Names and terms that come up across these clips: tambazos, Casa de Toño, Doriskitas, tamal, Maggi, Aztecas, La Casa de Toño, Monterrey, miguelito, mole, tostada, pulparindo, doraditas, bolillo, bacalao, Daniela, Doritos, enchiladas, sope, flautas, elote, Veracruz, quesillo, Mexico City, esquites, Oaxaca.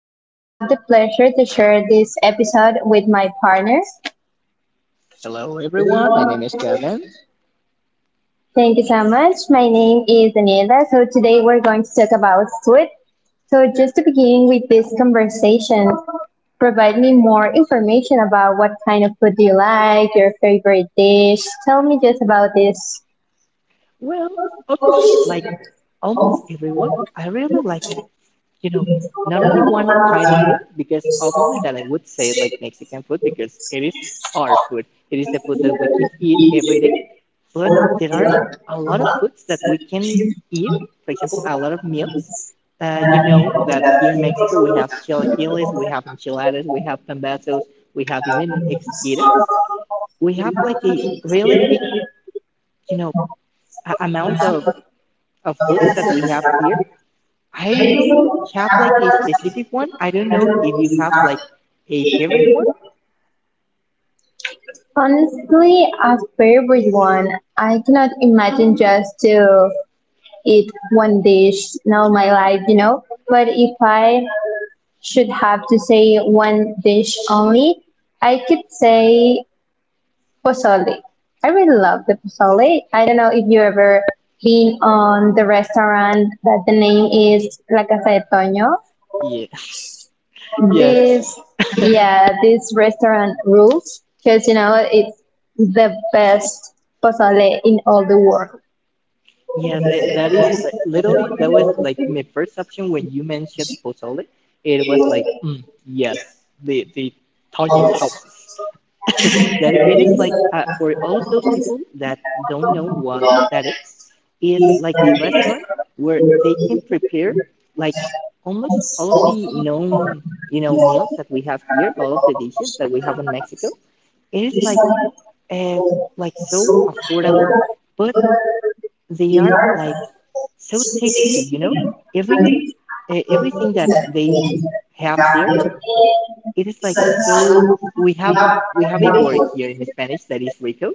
Today, I have the pleasure to share this episode with my partner. Hello, everyone. My name is Gavin. Thank you so much. My name is Daniela. So, today we're going to talk about food. So, just to begin with this conversation, provide me more information about what kind of food do you like, your favorite dish. Tell me just about this. Well, obviously, like, almost everyone, I really like, you know, not only one kind of food, because obviously that I would say like Mexican food, because it is our food. It is the food that we can eat every day. But there are a lot of foods that we can eat. For example, a lot of meals. You know that here in Mexico, we have chilaquiles, we have enchiladas, we have tambazos, we have even esquites. We have like a really big you know amount of foods that we have here. I don't have like a specific one. I don't know if you have like a favorite one. Honestly, a favorite one. I cannot imagine just to eat one dish in all my life, you know. But if I should have to say one dish only, I could say pozole. I really love the pozole. I don't know if you ever been on the restaurant that the name is La Casa de Toño. Yeah. Yes. This, yeah, this restaurant rules because you know it's the best pozole in all the world. Yes, that is literally that was like my first option when you mentioned pozole. It was like, yes, the Tonya's houses. That it is like for all of those people that don't know what that is like a restaurant where they can prepare like almost all of the known, you know, meals that we have here, all of the dishes that we have in mexico. It is uh, like so affordable, but they are like so tasty, you know, every everything that they have there. It is like so, we have, we have a word here in spanish that is rico.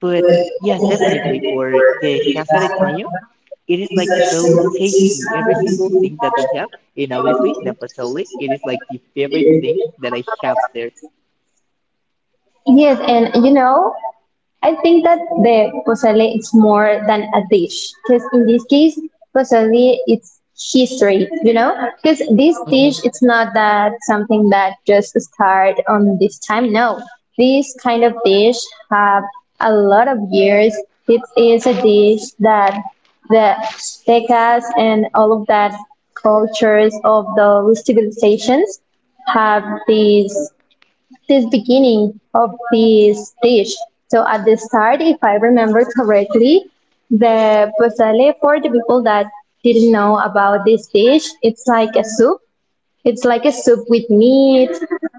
But yes, definitely for the Casa de Toño, it is like so tasty, every single thing that they have. And obviously, the pozole, it is like the favorite thing that I have there. Yes, and you know, I think that the pozole is more than a dish, because in this case, pozole it's history, you know, because this Mhm. dish it's not that something that just start on this time. No, this kind of dish have a lot of years. It is a dish that the Aztecas and all of that cultures of those civilizations have this beginning of this dish. So at the start, if I remember correctly, the pozole for the people that didn't know about this dish, it's like a soup. It's like a soup with meat.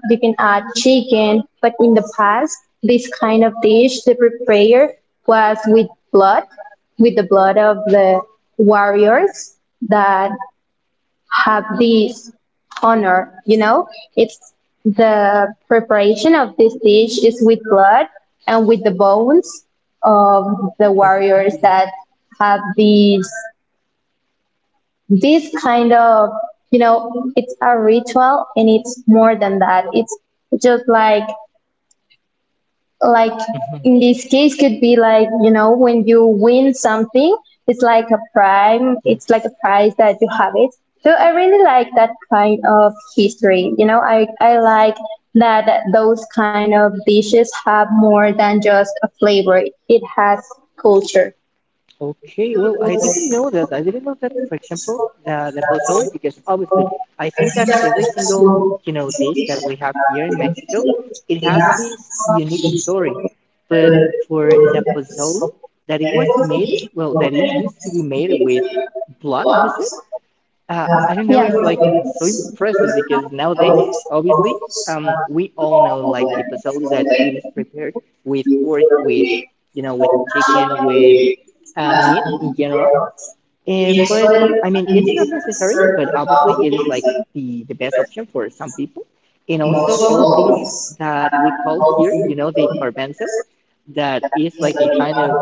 You can add chicken, but in the past, this kind of dish, the prepare was with blood, with the blood of the warriors that have this honor, you know? It's the preparation of this dish is with blood and with the bones of the Okay. warriors that have these this kind of, you know, it's a ritual, and it's more than that. It's just like like Mhm. in this case could be like, you know, when you win something, it's like a prime, Yeah. it's like a prize that you have it. So I really like that kind of history, you know. I like that those kind of dishes have more than just a flavor. It has culture. Okay, well, I didn't know that. I didn't know that, for example, the pozole, because obviously I think that every single, you know, dish that we have here in Mexico, it has his unique story. But for the pozole, that it was made, well, that it used to be made with blood, you said? I don't know, Yeah. it's like so impressive because nowadays, obviously, we all know like the pozole that it is prepared with pork, with, you know, with chicken, with meat in general. But I mean, it's not necessary, but obviously, it is like the best option for some people. And also, all of these that we call here, you know, the garbanzo, that is like a kind of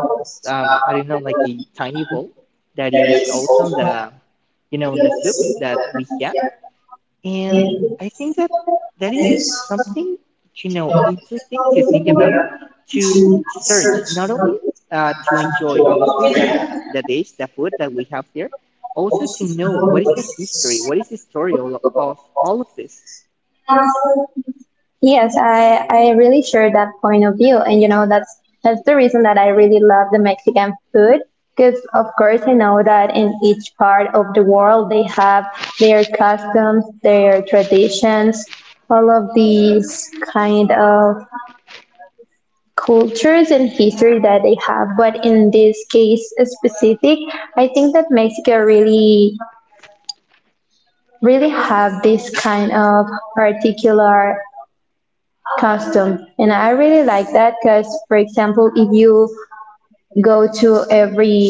I don't know, like a tiny bowl that is also on the, you know, on the soup that we have. And I think that that is something, you know, interesting to think about, to search not only to enjoy obviously the dish, the food that we have there, also to know what is the history, what is the story of all of this. Yes, I really share that point of view, and you know that's the reason that I really love the Mexican food. Because of course I know that in each part of the world they have their customs, their traditions, all of these kind of cultures and history that they have, but in this case specific, I think that Mexico really have this kind of particular custom, and I really like that because, for example, if you go to every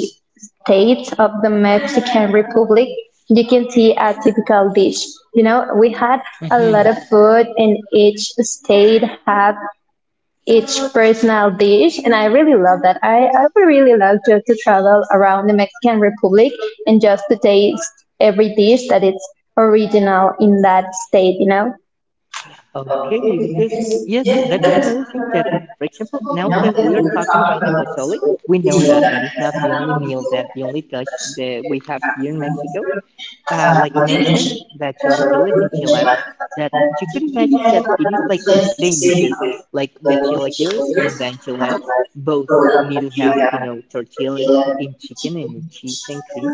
state of the Mexican republic, you can see a typical dish. You know, we had a lot of food, and each state had each personal dish, and I really love that. I would really love just to travel around the Mexican republic and just to taste every dish that is original in that state, you know. Okay, because yes, that is another thing that, for example, now that we're talking about the pozole, we know that that is not the only meal, that the only dish that we have here in Mexico, like mentioned, the chilaquiles and chiladas. That you could imagine that it is like the same, because like the chilaquiles and the enchiladas, both need to have, you know, tortilla and chicken and cheese and cream,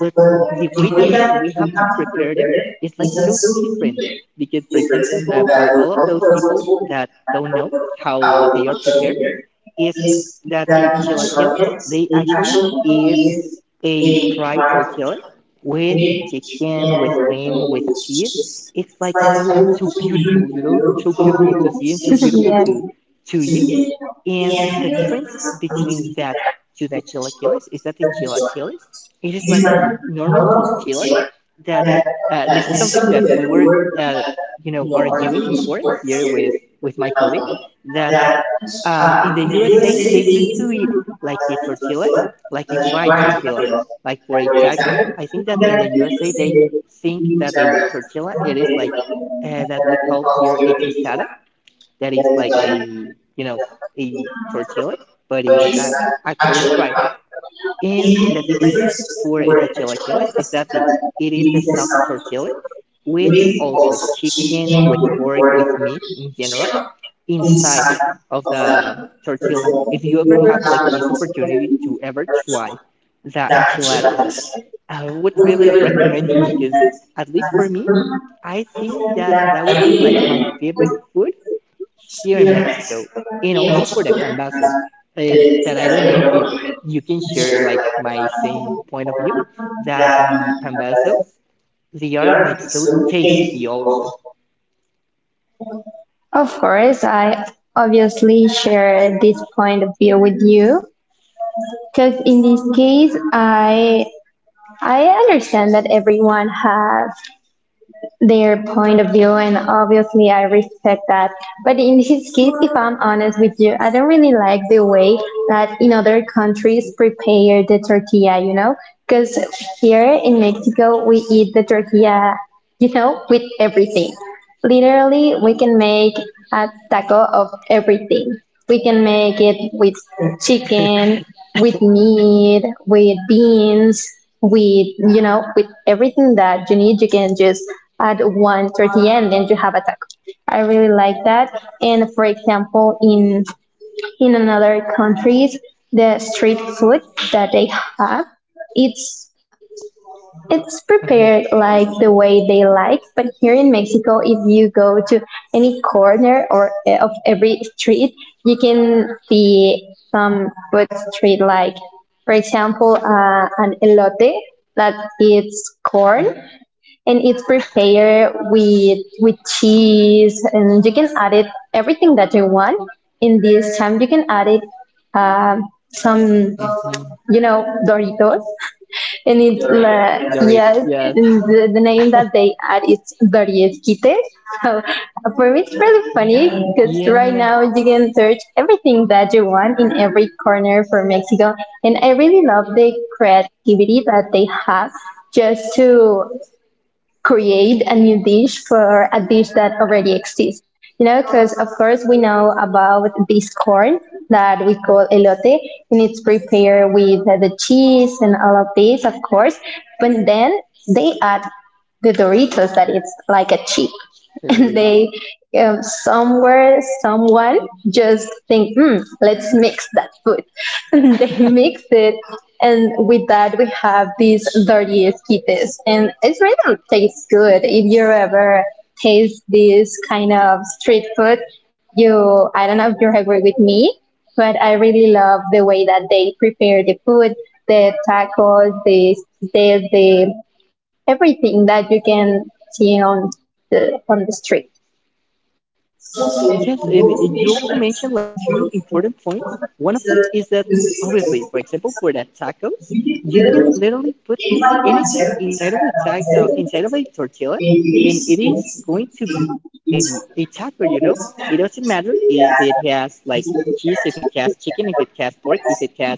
but the way that we have to prepare them is like so different. Because for example, for all of those people that don't know how they are prepared, is that the chilaquiles, they actually is a fried tortilla with chicken, with cream, with cheese. It's like so so beautiful, you know, so beautiful to see and so beautiful to eat. And the difference between that to the chilaquiles is that the chilaquiles, it is like the normal tortilla, that this is something that we were, uh, you know, arguing before here with my colleague. That in the USA, they used to eat like the tortilla, like a fried tortilla, like for a taco. I think that in the USA, they think that a tortilla, it is like that we call here a tostada, that is like a, you know, a tortilla, but it's actually fried. And the difference for the chilaquiles is that the, it is the soft tortilla with also chicken, with pork, with meat in general inside of the tortilla. If you ever have like this opportunity to ever try the enchiladas, I would really recommend you because at least for me, I think that that would be like my favorite food here in Mexico. And also for the Pambazo, is that I don't know if you can share like my same point of view, that the Pambazos, they are like so tasty also. Of course, I obviously share this point of view with you because in this case, I understand that everyone has their point of view, and obviously I respect that. But in his case, if I'm honest with you, I don't really like the way that in other countries prepare the tortilla, you know? Because here in Mexico, we eat the tortilla, you know, with everything. Literally, we can make a taco of everything. We can make it with chicken, with meat, with beans, with, you know, with everything that you need. You can just at 1:30 and then you have a taco. I really like that. And for example, in another countries, the street food that they have, it's Mm-hmm, it's prepared like the way they like. But here in Mexico, if you go to any corner or of every street, you can see some food street like, for example, an elote, that it's corn, and it's prepared with cheese, and you can add it everything that you want. In this time, you can add it um, mm-hmm. some, you know, Doritos, and it's Dorit, yes, Yes. The name that they add is doriesquites. So for me it's really funny, because Yeah. right now you can search everything that you want in every corner for Mexico, and I really love the creativity that they have just to create a new dish for a dish that already exists. You know, because of course we know about this corn that we call elote, and it's prepared with the cheese and all of this, of course. But then they add the Doritos, that it's like a chip, and they somewhere someone just think, hmm, let's mix that food, and they mix it, and with that, we have these dirty esquites. And it really tastes good. If you ever taste this kind of street food, you, I don't know if you agree with me, but I really love the way that they prepare the food, the tacos, the everything that you can see on on the street. Yes, and you also mentioned like two important points. One of them is that obviously, for example, for the tacos, you can literally put anything inside of a ta inside of a tortilla, and it is going to be a taco, you know? It doesn't matter if it has like cheese, if it has chicken, if it has pork, if it has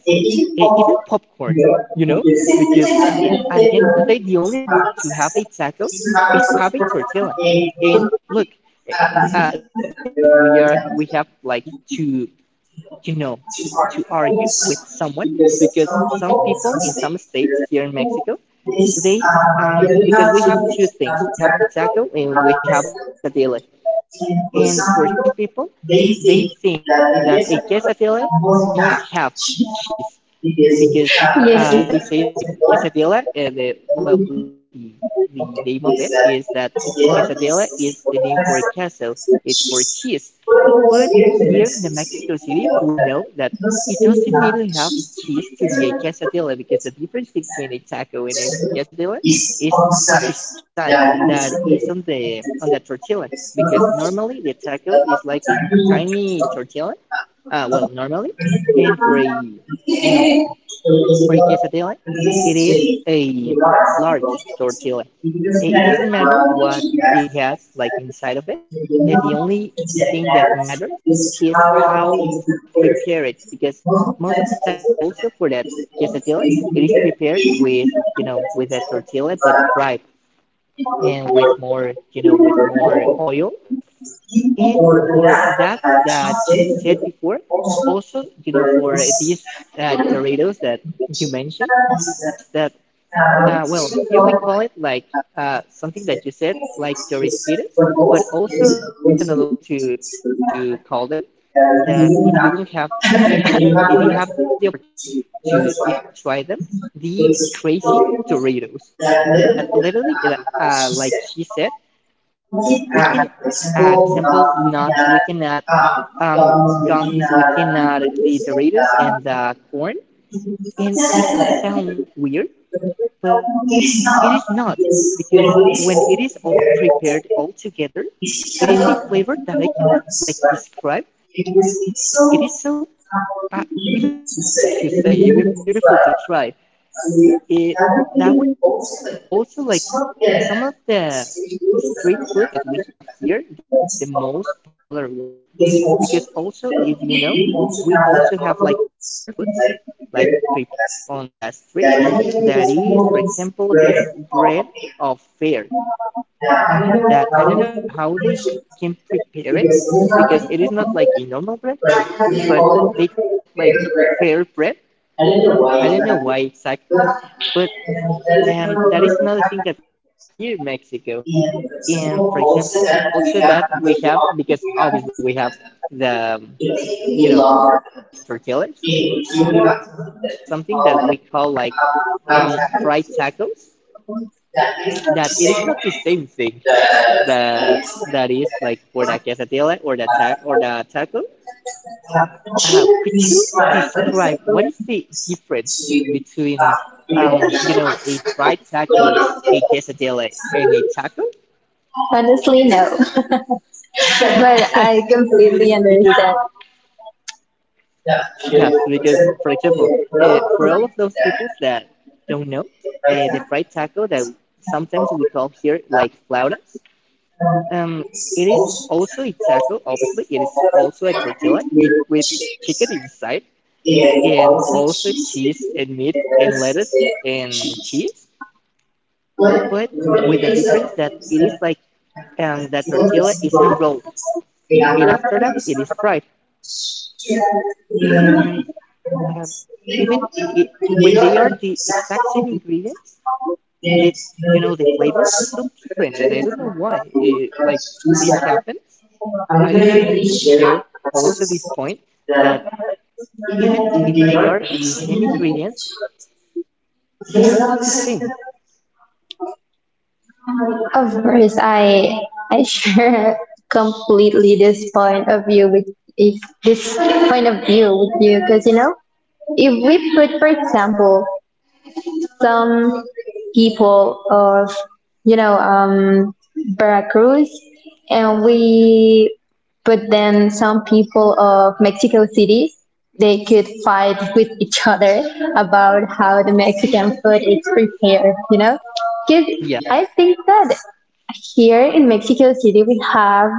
even popcorn, you know? Because it, at the end of the day, the only rule to have a taco is to have a tortilla. And look, eh, this is something that we are, we have like to, you know, to argue with someone, because some people in some states here in Mexico, they because we have two things, we have the taco and we have the quesadilla. And for some people, they think that a quesadilla must have cheese because they say like quesadilla, and the, well, literally the name of it is that quesadilla is the name for a castle. It's for cheese, but here in the Mexico City, we know that it doesn't need to have cheese to be a quesadilla, because the difference between a taco and a quesadilla is of the size that is on the, on the tortilla. Because normally the taco is like a tiny tortilla, well normally, and for a, you know, for quesadilla, it is a large tortilla. I- It doesn't matter what it has like inside of it. The only thing that matters is how they prepare it, because most of the times also for that quesadilla, it is prepared with, you know, with a tortilla but fried, and with more, you know, with more oil. And for that that you said before, also, you know, for these Doritos that you mentioned, is that, well, here we call it like something that you said, like Doriskitas, but also there is another way to call them. That if you don't have, I mean, if you have the opportunity to ever try them, the crazy Doritos, that literally, like she said, we can add, for example, nuts. We can add um, gummies. We can add the Doritos and the corn. And it could sound like weird, but it is not, because when it is all prepared all together, it is a flavor that I cannot like describe. Because it is so uh, even beautiful to say, even beautiful to try. Eh, that would be also like some of the street foods that we have here. That's the most popular one, because also if you know, we also have like other foods like prepared on the street, that is for example this bread of fair, that I don't know how they can prepare it, because it is not like a normal bread, but they call it like fair bread. I don't know why exactly, but that is another thing that we have here in mexico. And for example also that we have, because obviously we have the, you know, we love tortillas in here, we have something that we call like fried tacos, that it is not the same thing that, that is like for the quesadilla or the or the taco. Could you describe what is the difference between, you know, a fried taco, a quesadilla, and a taco? Honestly, no. But I completely Because understand. yes, because for example, for all of those people that don't know, the fried taco that sometimes we call here like flautas. Um, it is also a taco, obviously. It is also a tortilla it, with chicken inside and also cheese and meat and lettuce and cheese. But with the difference that it is like, the tortilla isn't rolled. And after that, it is fried. And um, even it, when they are the exact same ingredients, the, you know, the flavor is so different, and I don't know why. It, like this happens. I don't know if you can share also this point, that even if they are the same ingredients, they are not the same. Of course, I share completely this point of view with if this point of view with you, because you know, if we put, for example, some people of, you know, Veracruz, and we but then some people of Mexico City, they could fight with each other about how the Mexican food is prepared, you know? Because I Yes. think that here in Mexico City, we have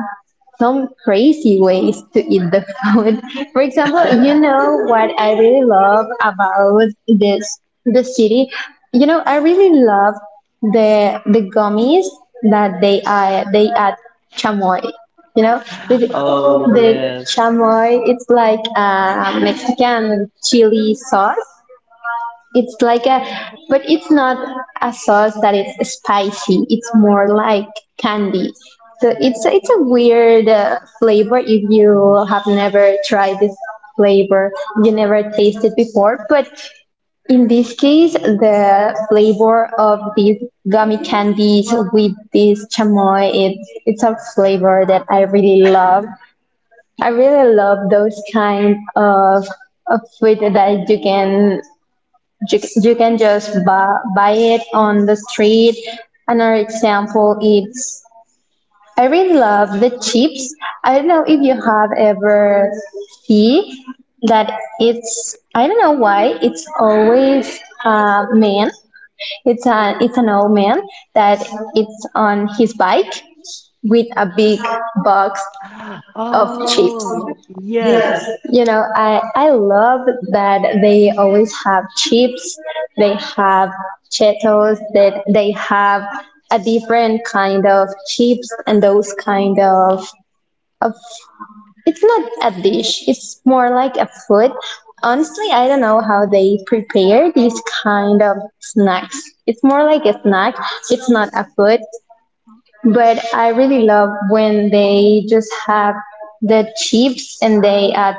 some crazy ways to eat the food. For example, you know what I really love about this the city. You know, I really love the gummies that they add chamoy. You know, Oh, the yes. chamoy. It's like a Mexican chili sauce. it's like a, but it's not a sauce that is spicy. It's more like candy. So it's a weird flavor. If you have never tried this flavor, you never tasted before. But in this case, the flavor of these gummy candies with this chamoy, it's a flavor that I really love. I really love those kind of food that you can you can just buy it on the street. Another example is I really love the chips. I don't know if you have ever see that. It's I don't know why it's always a man. It's an old man that it's on his bike with a big box of chips. Oh, yes. You know, I love that they always have chips, they have Cheetos, that they have a different kind of chips, and those kind of of it's not a dish, it's more like a food. Honestly, I don't know how they prepare these kind of snacks. It's more like a snack, it's not a food. But I really love when they just have the chips and they add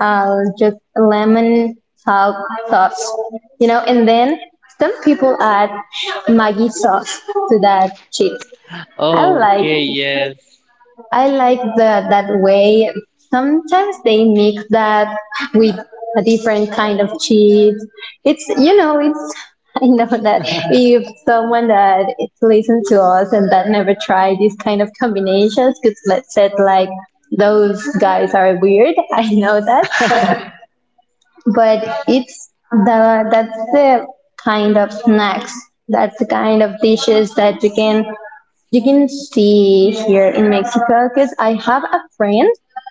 just lemon salt sauce, you know, and then some people add Maggi sauce to that chips. I like Okay, yes. I like that way. Sometimes they mix that with a different kind of cheese. You know, it's, I know that if someone that listens to us and that never tried these kind of combinations could let us say like, those guys are weird. I know that, but it's the that's the kind of snacks, that's the kind of dishes that you can see here in Mexico. Because I have a friend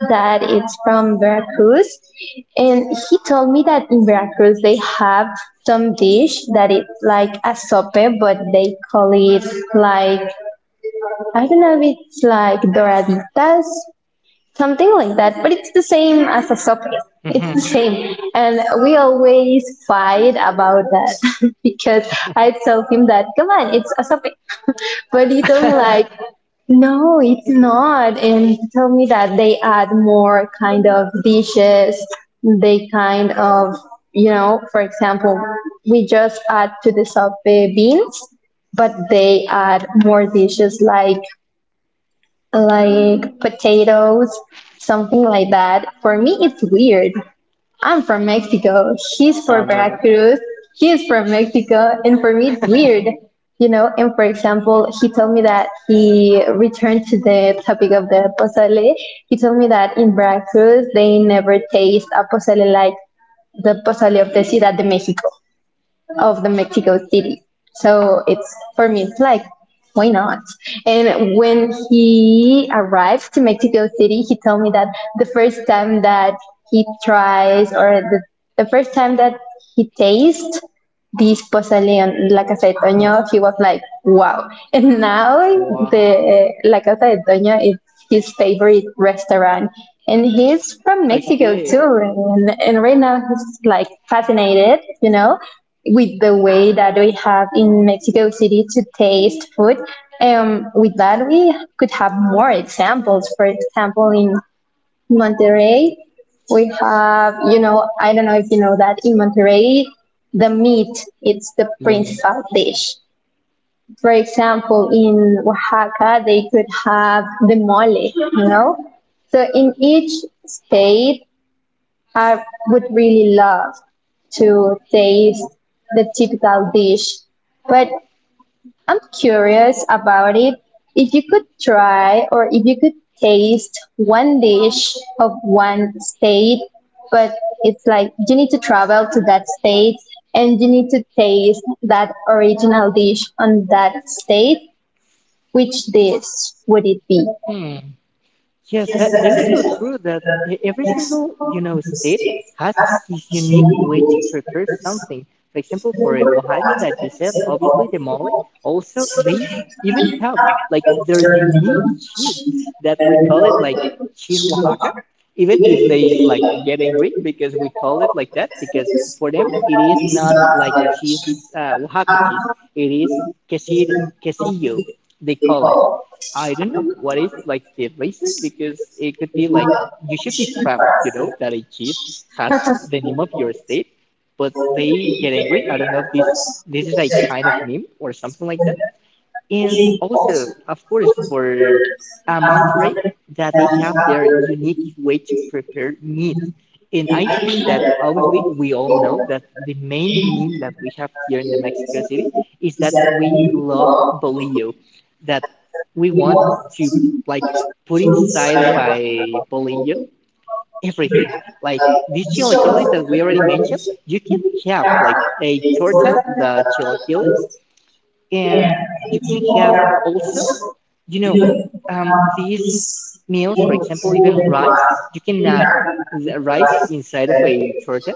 that it's from Veracruz, and he told me that in Veracruz they have some dish that it's like a sope, but they call it like, I don't know if it's like doraditas, something like that, but it's the same as a socket. It's Mhm, the same, and we always fight about that. Because I tell him that come on, it's a socket. But he told me like, no, it's not, and he told me that they add more kind of dishes, they kind of, you know, for example, we just add to the sope beans, but they add more dishes like potatoes, something like that. For me, it's weird. I'm from Mexico. He's from Veracruz. He is from Mexico. And for me, it's weird. You know, and for example, he told me that he returned to the topic of the pozole. He told me that in Veracruz, they never taste a pozole like the pozole of the Ciudad de Mexico, of the Mexico City. So it's for me, it's like, why not? And when he arrived to Mexico City, he told me that the first time that he tries or the first time that he tastes this Poseidon, like I said, mhm. Toño, he was like, wow. And now, Wow. the like I said, Toño is his favorite restaurant. And he's from Mexico Okay. too. And right now he's like fascinated, you know, with the way that we have in Mexico City to taste food. With that, we could have more examples. For example, in Monterrey, we have, you know, I don't know if you know that in Monterrey, the meat it's the Lemon. principal dish. For example, in Oaxaca, they could have the mole, you know? So in each state, I would really love to taste the typical dish. But I'm curious about it. If you could try or if you could taste one dish of one state, but it's like you need to travel to that state and you need to taste that original dish on that state, which dish would it be? Hmm. Yes, that is so true that every single, state has his unique way to prepare something. For example, for Oaxaca that you said, obviously the mole, also they even have like their unique cheese that we call it like cheese Oaxaca, even if they like get angry because we call it like that, because for them it is not like cheese, Oaxaca cheese, it is quesir- quesillo, they call it. I don't know what is like the reason because it could be like you should be proud, you know, that a cheese has the name of your state, but they get angry. I don't know if this is like kind of meme or something like that, and also, of course, for Monterey, that they have their unique way to prepare meat. And I think that obviously we all know that the main meme that we have here in the Mexico City is that we love bolillo, that we want to like put inside of a bolillo everything. Like these chilaquiles that we already mentioned, you can have like a torta, the chilaquiles, and you can have also, you know, these meals, for example, even rice, you can add the rice inside of a torta.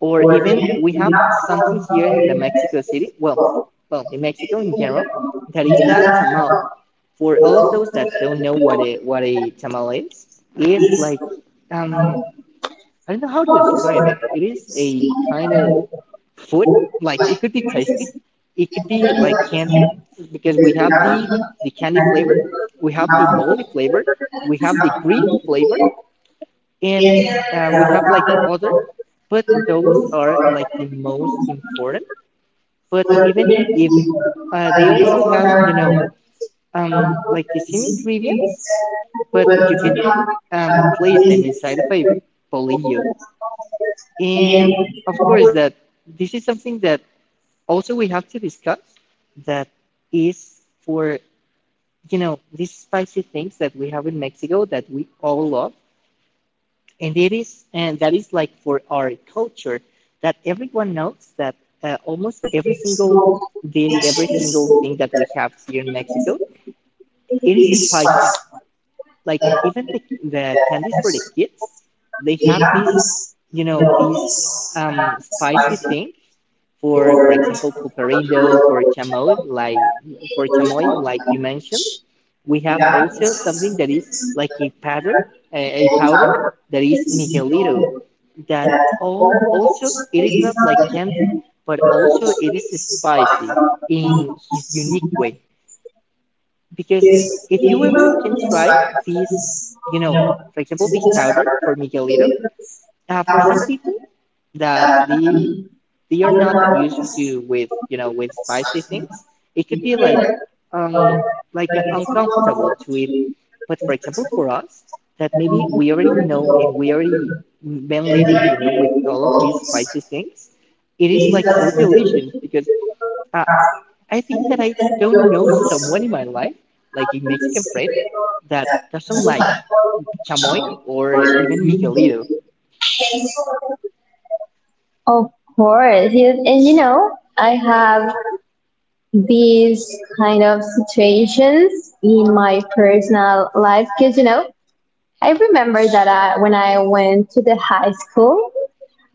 Or even we have something here in the Mexico City, well, in Mexico in general, that is the tamal. For all of those that don't know what a tamal is, it's like um, I don't know how to describe it. It is a kind of food, like it could be tasty, it could be like candy, because we have the candy flavor, we have the moldy flavor, we have the green flavor, and we have like other, but those are like the most important. But even if they also have, you know, like the same ingredients, but you can place them inside of a bolillo. And of course that this is something that also we have to discuss, that is for, you know, these spicy things that we have in Mexico that we all love. And it is, and that is like for our culture, that everyone knows that almost every single dish, every single thing that we have here in Mexico, it is spicy. Like even the candies for the kids, they have this, you know, this spicy thing. For example, pulparindo, for chamoy like you mentioned, we have also something that is like a powder, a powder, that is miguelito, that all also it is not like candy, but also it is spicy in his unique way. Because if you ever can try this, you know, for example, this powder for miguelito, for some people that they are not used to with, you know, with spicy things, it could be um like an uncomfortable to eat. But for example, for us that maybe we already know and we already been living, you know, with all of these spicy things, it is like so delicious. Because uh, I think that I don't know someone in my life, like a Mexican friend, that doesn't like chamoy or even miguelito. Of course, yes. And you know, I have these kind of situations in my personal life because you know, I remember that when I went to the high school,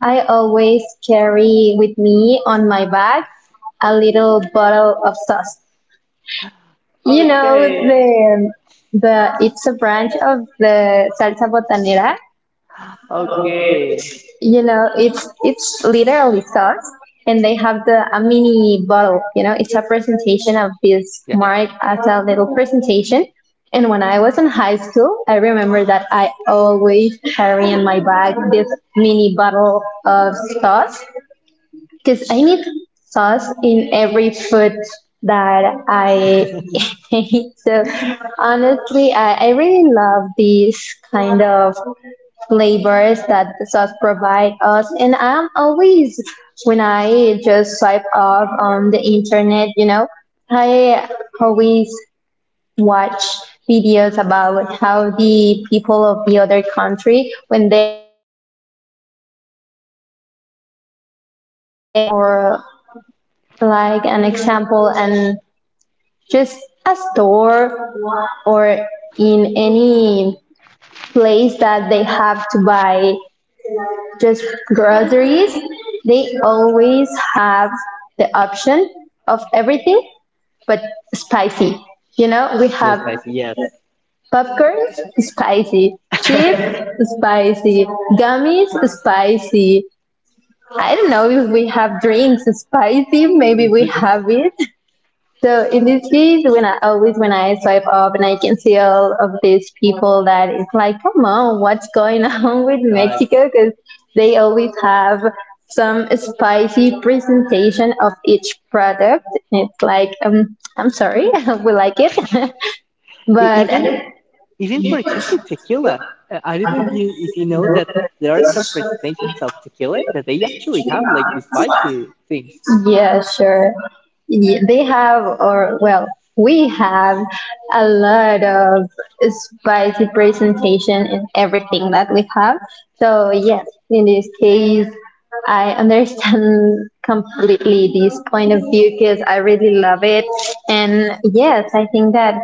I always carry with me on my bag a little bottle of sauce. You know Okay. the it's a branch of the salsa botanera, Okay. you know it's literally sauce. And they have the a mini bottle, you know it's a presentation of this Yeah, mark as a little presentation. And when I was in high school, I remember that I always carry in my bag this mini bottle of sauce, because I need sauce in every food that I eat. So honestly, I really love these kind of flavors that the sauce provide us. And I'm always, when I just swipe up on the internet, you know, I always watch videos about how the people of the other country, when they visit our country, they, if they enter for like an example and just a store or in any place that they have to buy just groceries, they always have the option of everything but spicy. You know, we have that's nice. Yes. popcorn, spicy. Chips, spicy. Gummies, spicy. I don't know if we have drinks spicy. Maybe we But, have it. So in this case, when I swipe up and I can see all of these people that it's like, come on, what's going on with uh, Mexico? Because they always have some spicy presentation of each product. It's like, I'm sorry, we like it, e- but even even for example, tequila. I don't know if you know that there are some presentations of tequila that they actually have like the spicy things. yeah, sure. They have, or well, we have a lot of spicy presentation in everything that we have. So yes, in this case, I understand completely this point of view because I really love it. And yes, I think that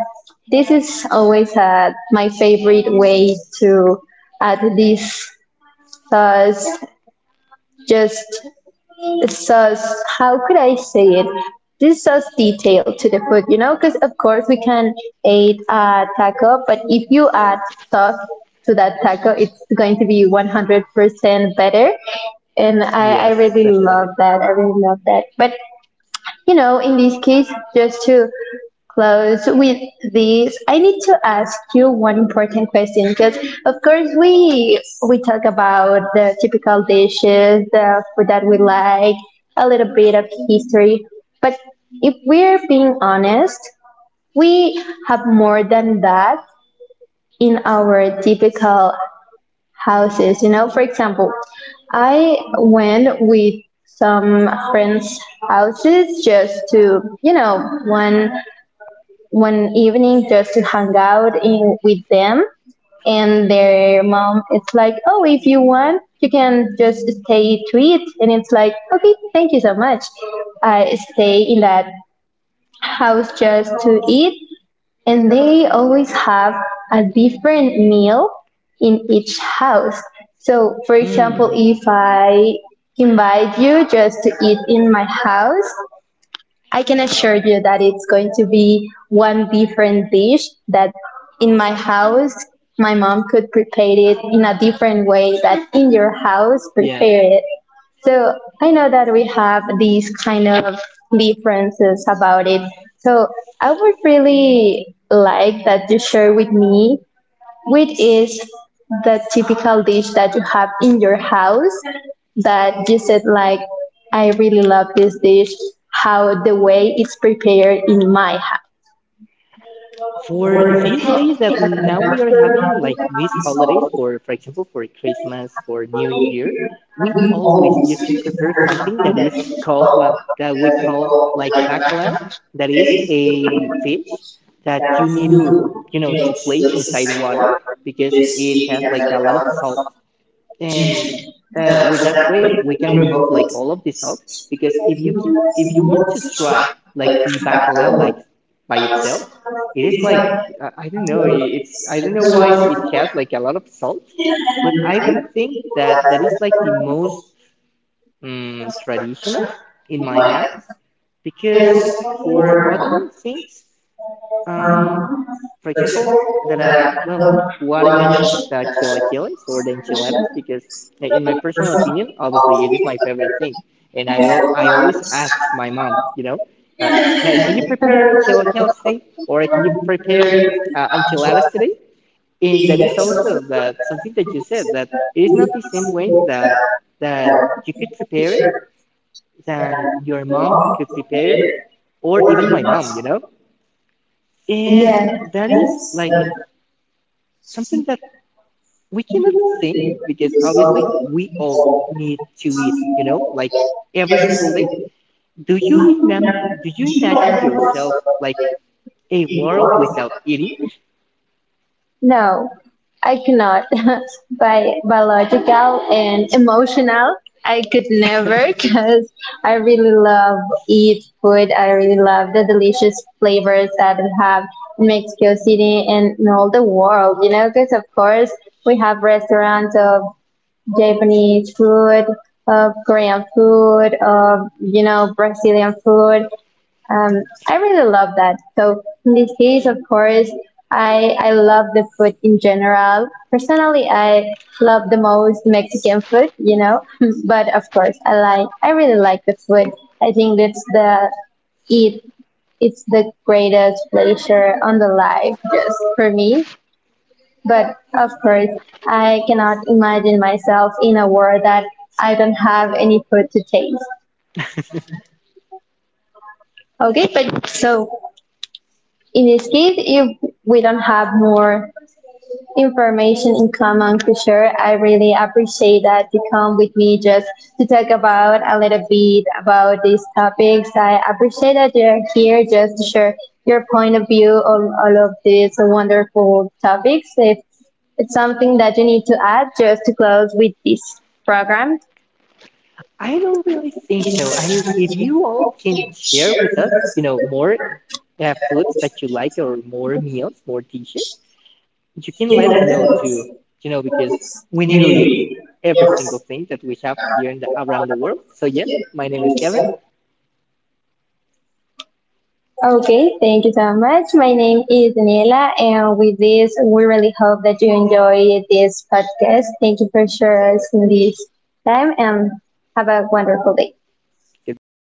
this is always my favorite way to add this sauce. Just it's as, how could I say it? This adds detail to the food, you know, because of course we can eat a taco, but if you add sauce to that taco, it's going to be 100% better. And Like I yes, really definitely. love that. I really love that. But you know, in this case, just to close with this, I need to ask you one important question because, of course, we talk about the typical dishes, the food that we like, a little bit of history, but if we're being honest, we have more than that in our typical houses. You know, for example, I went with some friends' houses just to, you know, one evening just to hang out in with them. And their mom, it's like, oh, if you want, you can just stay to eat. And it's like, okay, thank you so much. I stay in that house just to eat, and they always have a different meal in each house. So, for example, Mm. if I invite you just to eat in my house, I can assure you that it's going to be one different dish, that in my house my mom could prepare it in a different way that in your house prepare it. So I know that we have these kind of differences about it. So I would really like that you share with me which is the typical dish that you have in your house that you said like, I really love this dish, how the way it's prepared in my house? For these days that now we are having like these holidays, for example, for Christmas, for New Year, we always used to prepare something that is called, well, that we call like bacalao, that is a fish that you need to, you know, to place inside water because it has like a lot of salt. And with that way we can remove like all of this out, because if you can, if you want to try like the bacalao like by itself, it is like I don't know, I- it's, I don't know why it has like a lot of salt. But I would think that that is like the most traditional in my house. Because for other things, um, for example, that I, well, what I mentioned, the chilaquiles or the enchiladas, because in my personal opinion, obviously it is my favorite thing. And I will, I always ask my mom, you know, uh, "Hey, can you prepare chilaquiles today? Or can you prepare enchiladas today?" And that is also that something that you said, that it is not the same way that you could prepare it than your mom could prepare it, or even my mom, you know? And that is like something that we cannot think, because obviously we all need to eat, you know, like every single day. Do you remember, do you imagine yourself like a world without eating? No, I cannot. By biological and emotional, I could never because I really love eat food. I really love the delicious flavors that we have in Mexico City and in all the world. You know, because of course we have restaurants of Japanese food, of Korean food, of you know Brazilian food. Um, I really love that. So in this case, of course, I love the food in general. Personally, I love the most Mexican food, you know. But of course, I really like the food. I think that's the it it's the greatest pleasure on the life just for me, but of course, I cannot imagine myself in a world that I don't have any food to taste. Okay, but so in this case, if we don't have more information in common to share. I really appreciate that you come with me just to talk about a little bit about these topics. I appreciate that you're here just to share your point of view on all of these wonderful topics. If it's something that you need to add just to close with this program. I don't really think so. I mean, if you all can share with us, you know, more foods that you like, or more meals, more dishes, you can let us know too, you know, because we need to eat every single thing that we have here in the, around the world. So yes, my name is Kevin. Okay, thank you so much. My name is Daniela, and with this, we really hope that you enjoy this podcast. Thank you for sharing us in this time, and have a wonderful day. Goodbye.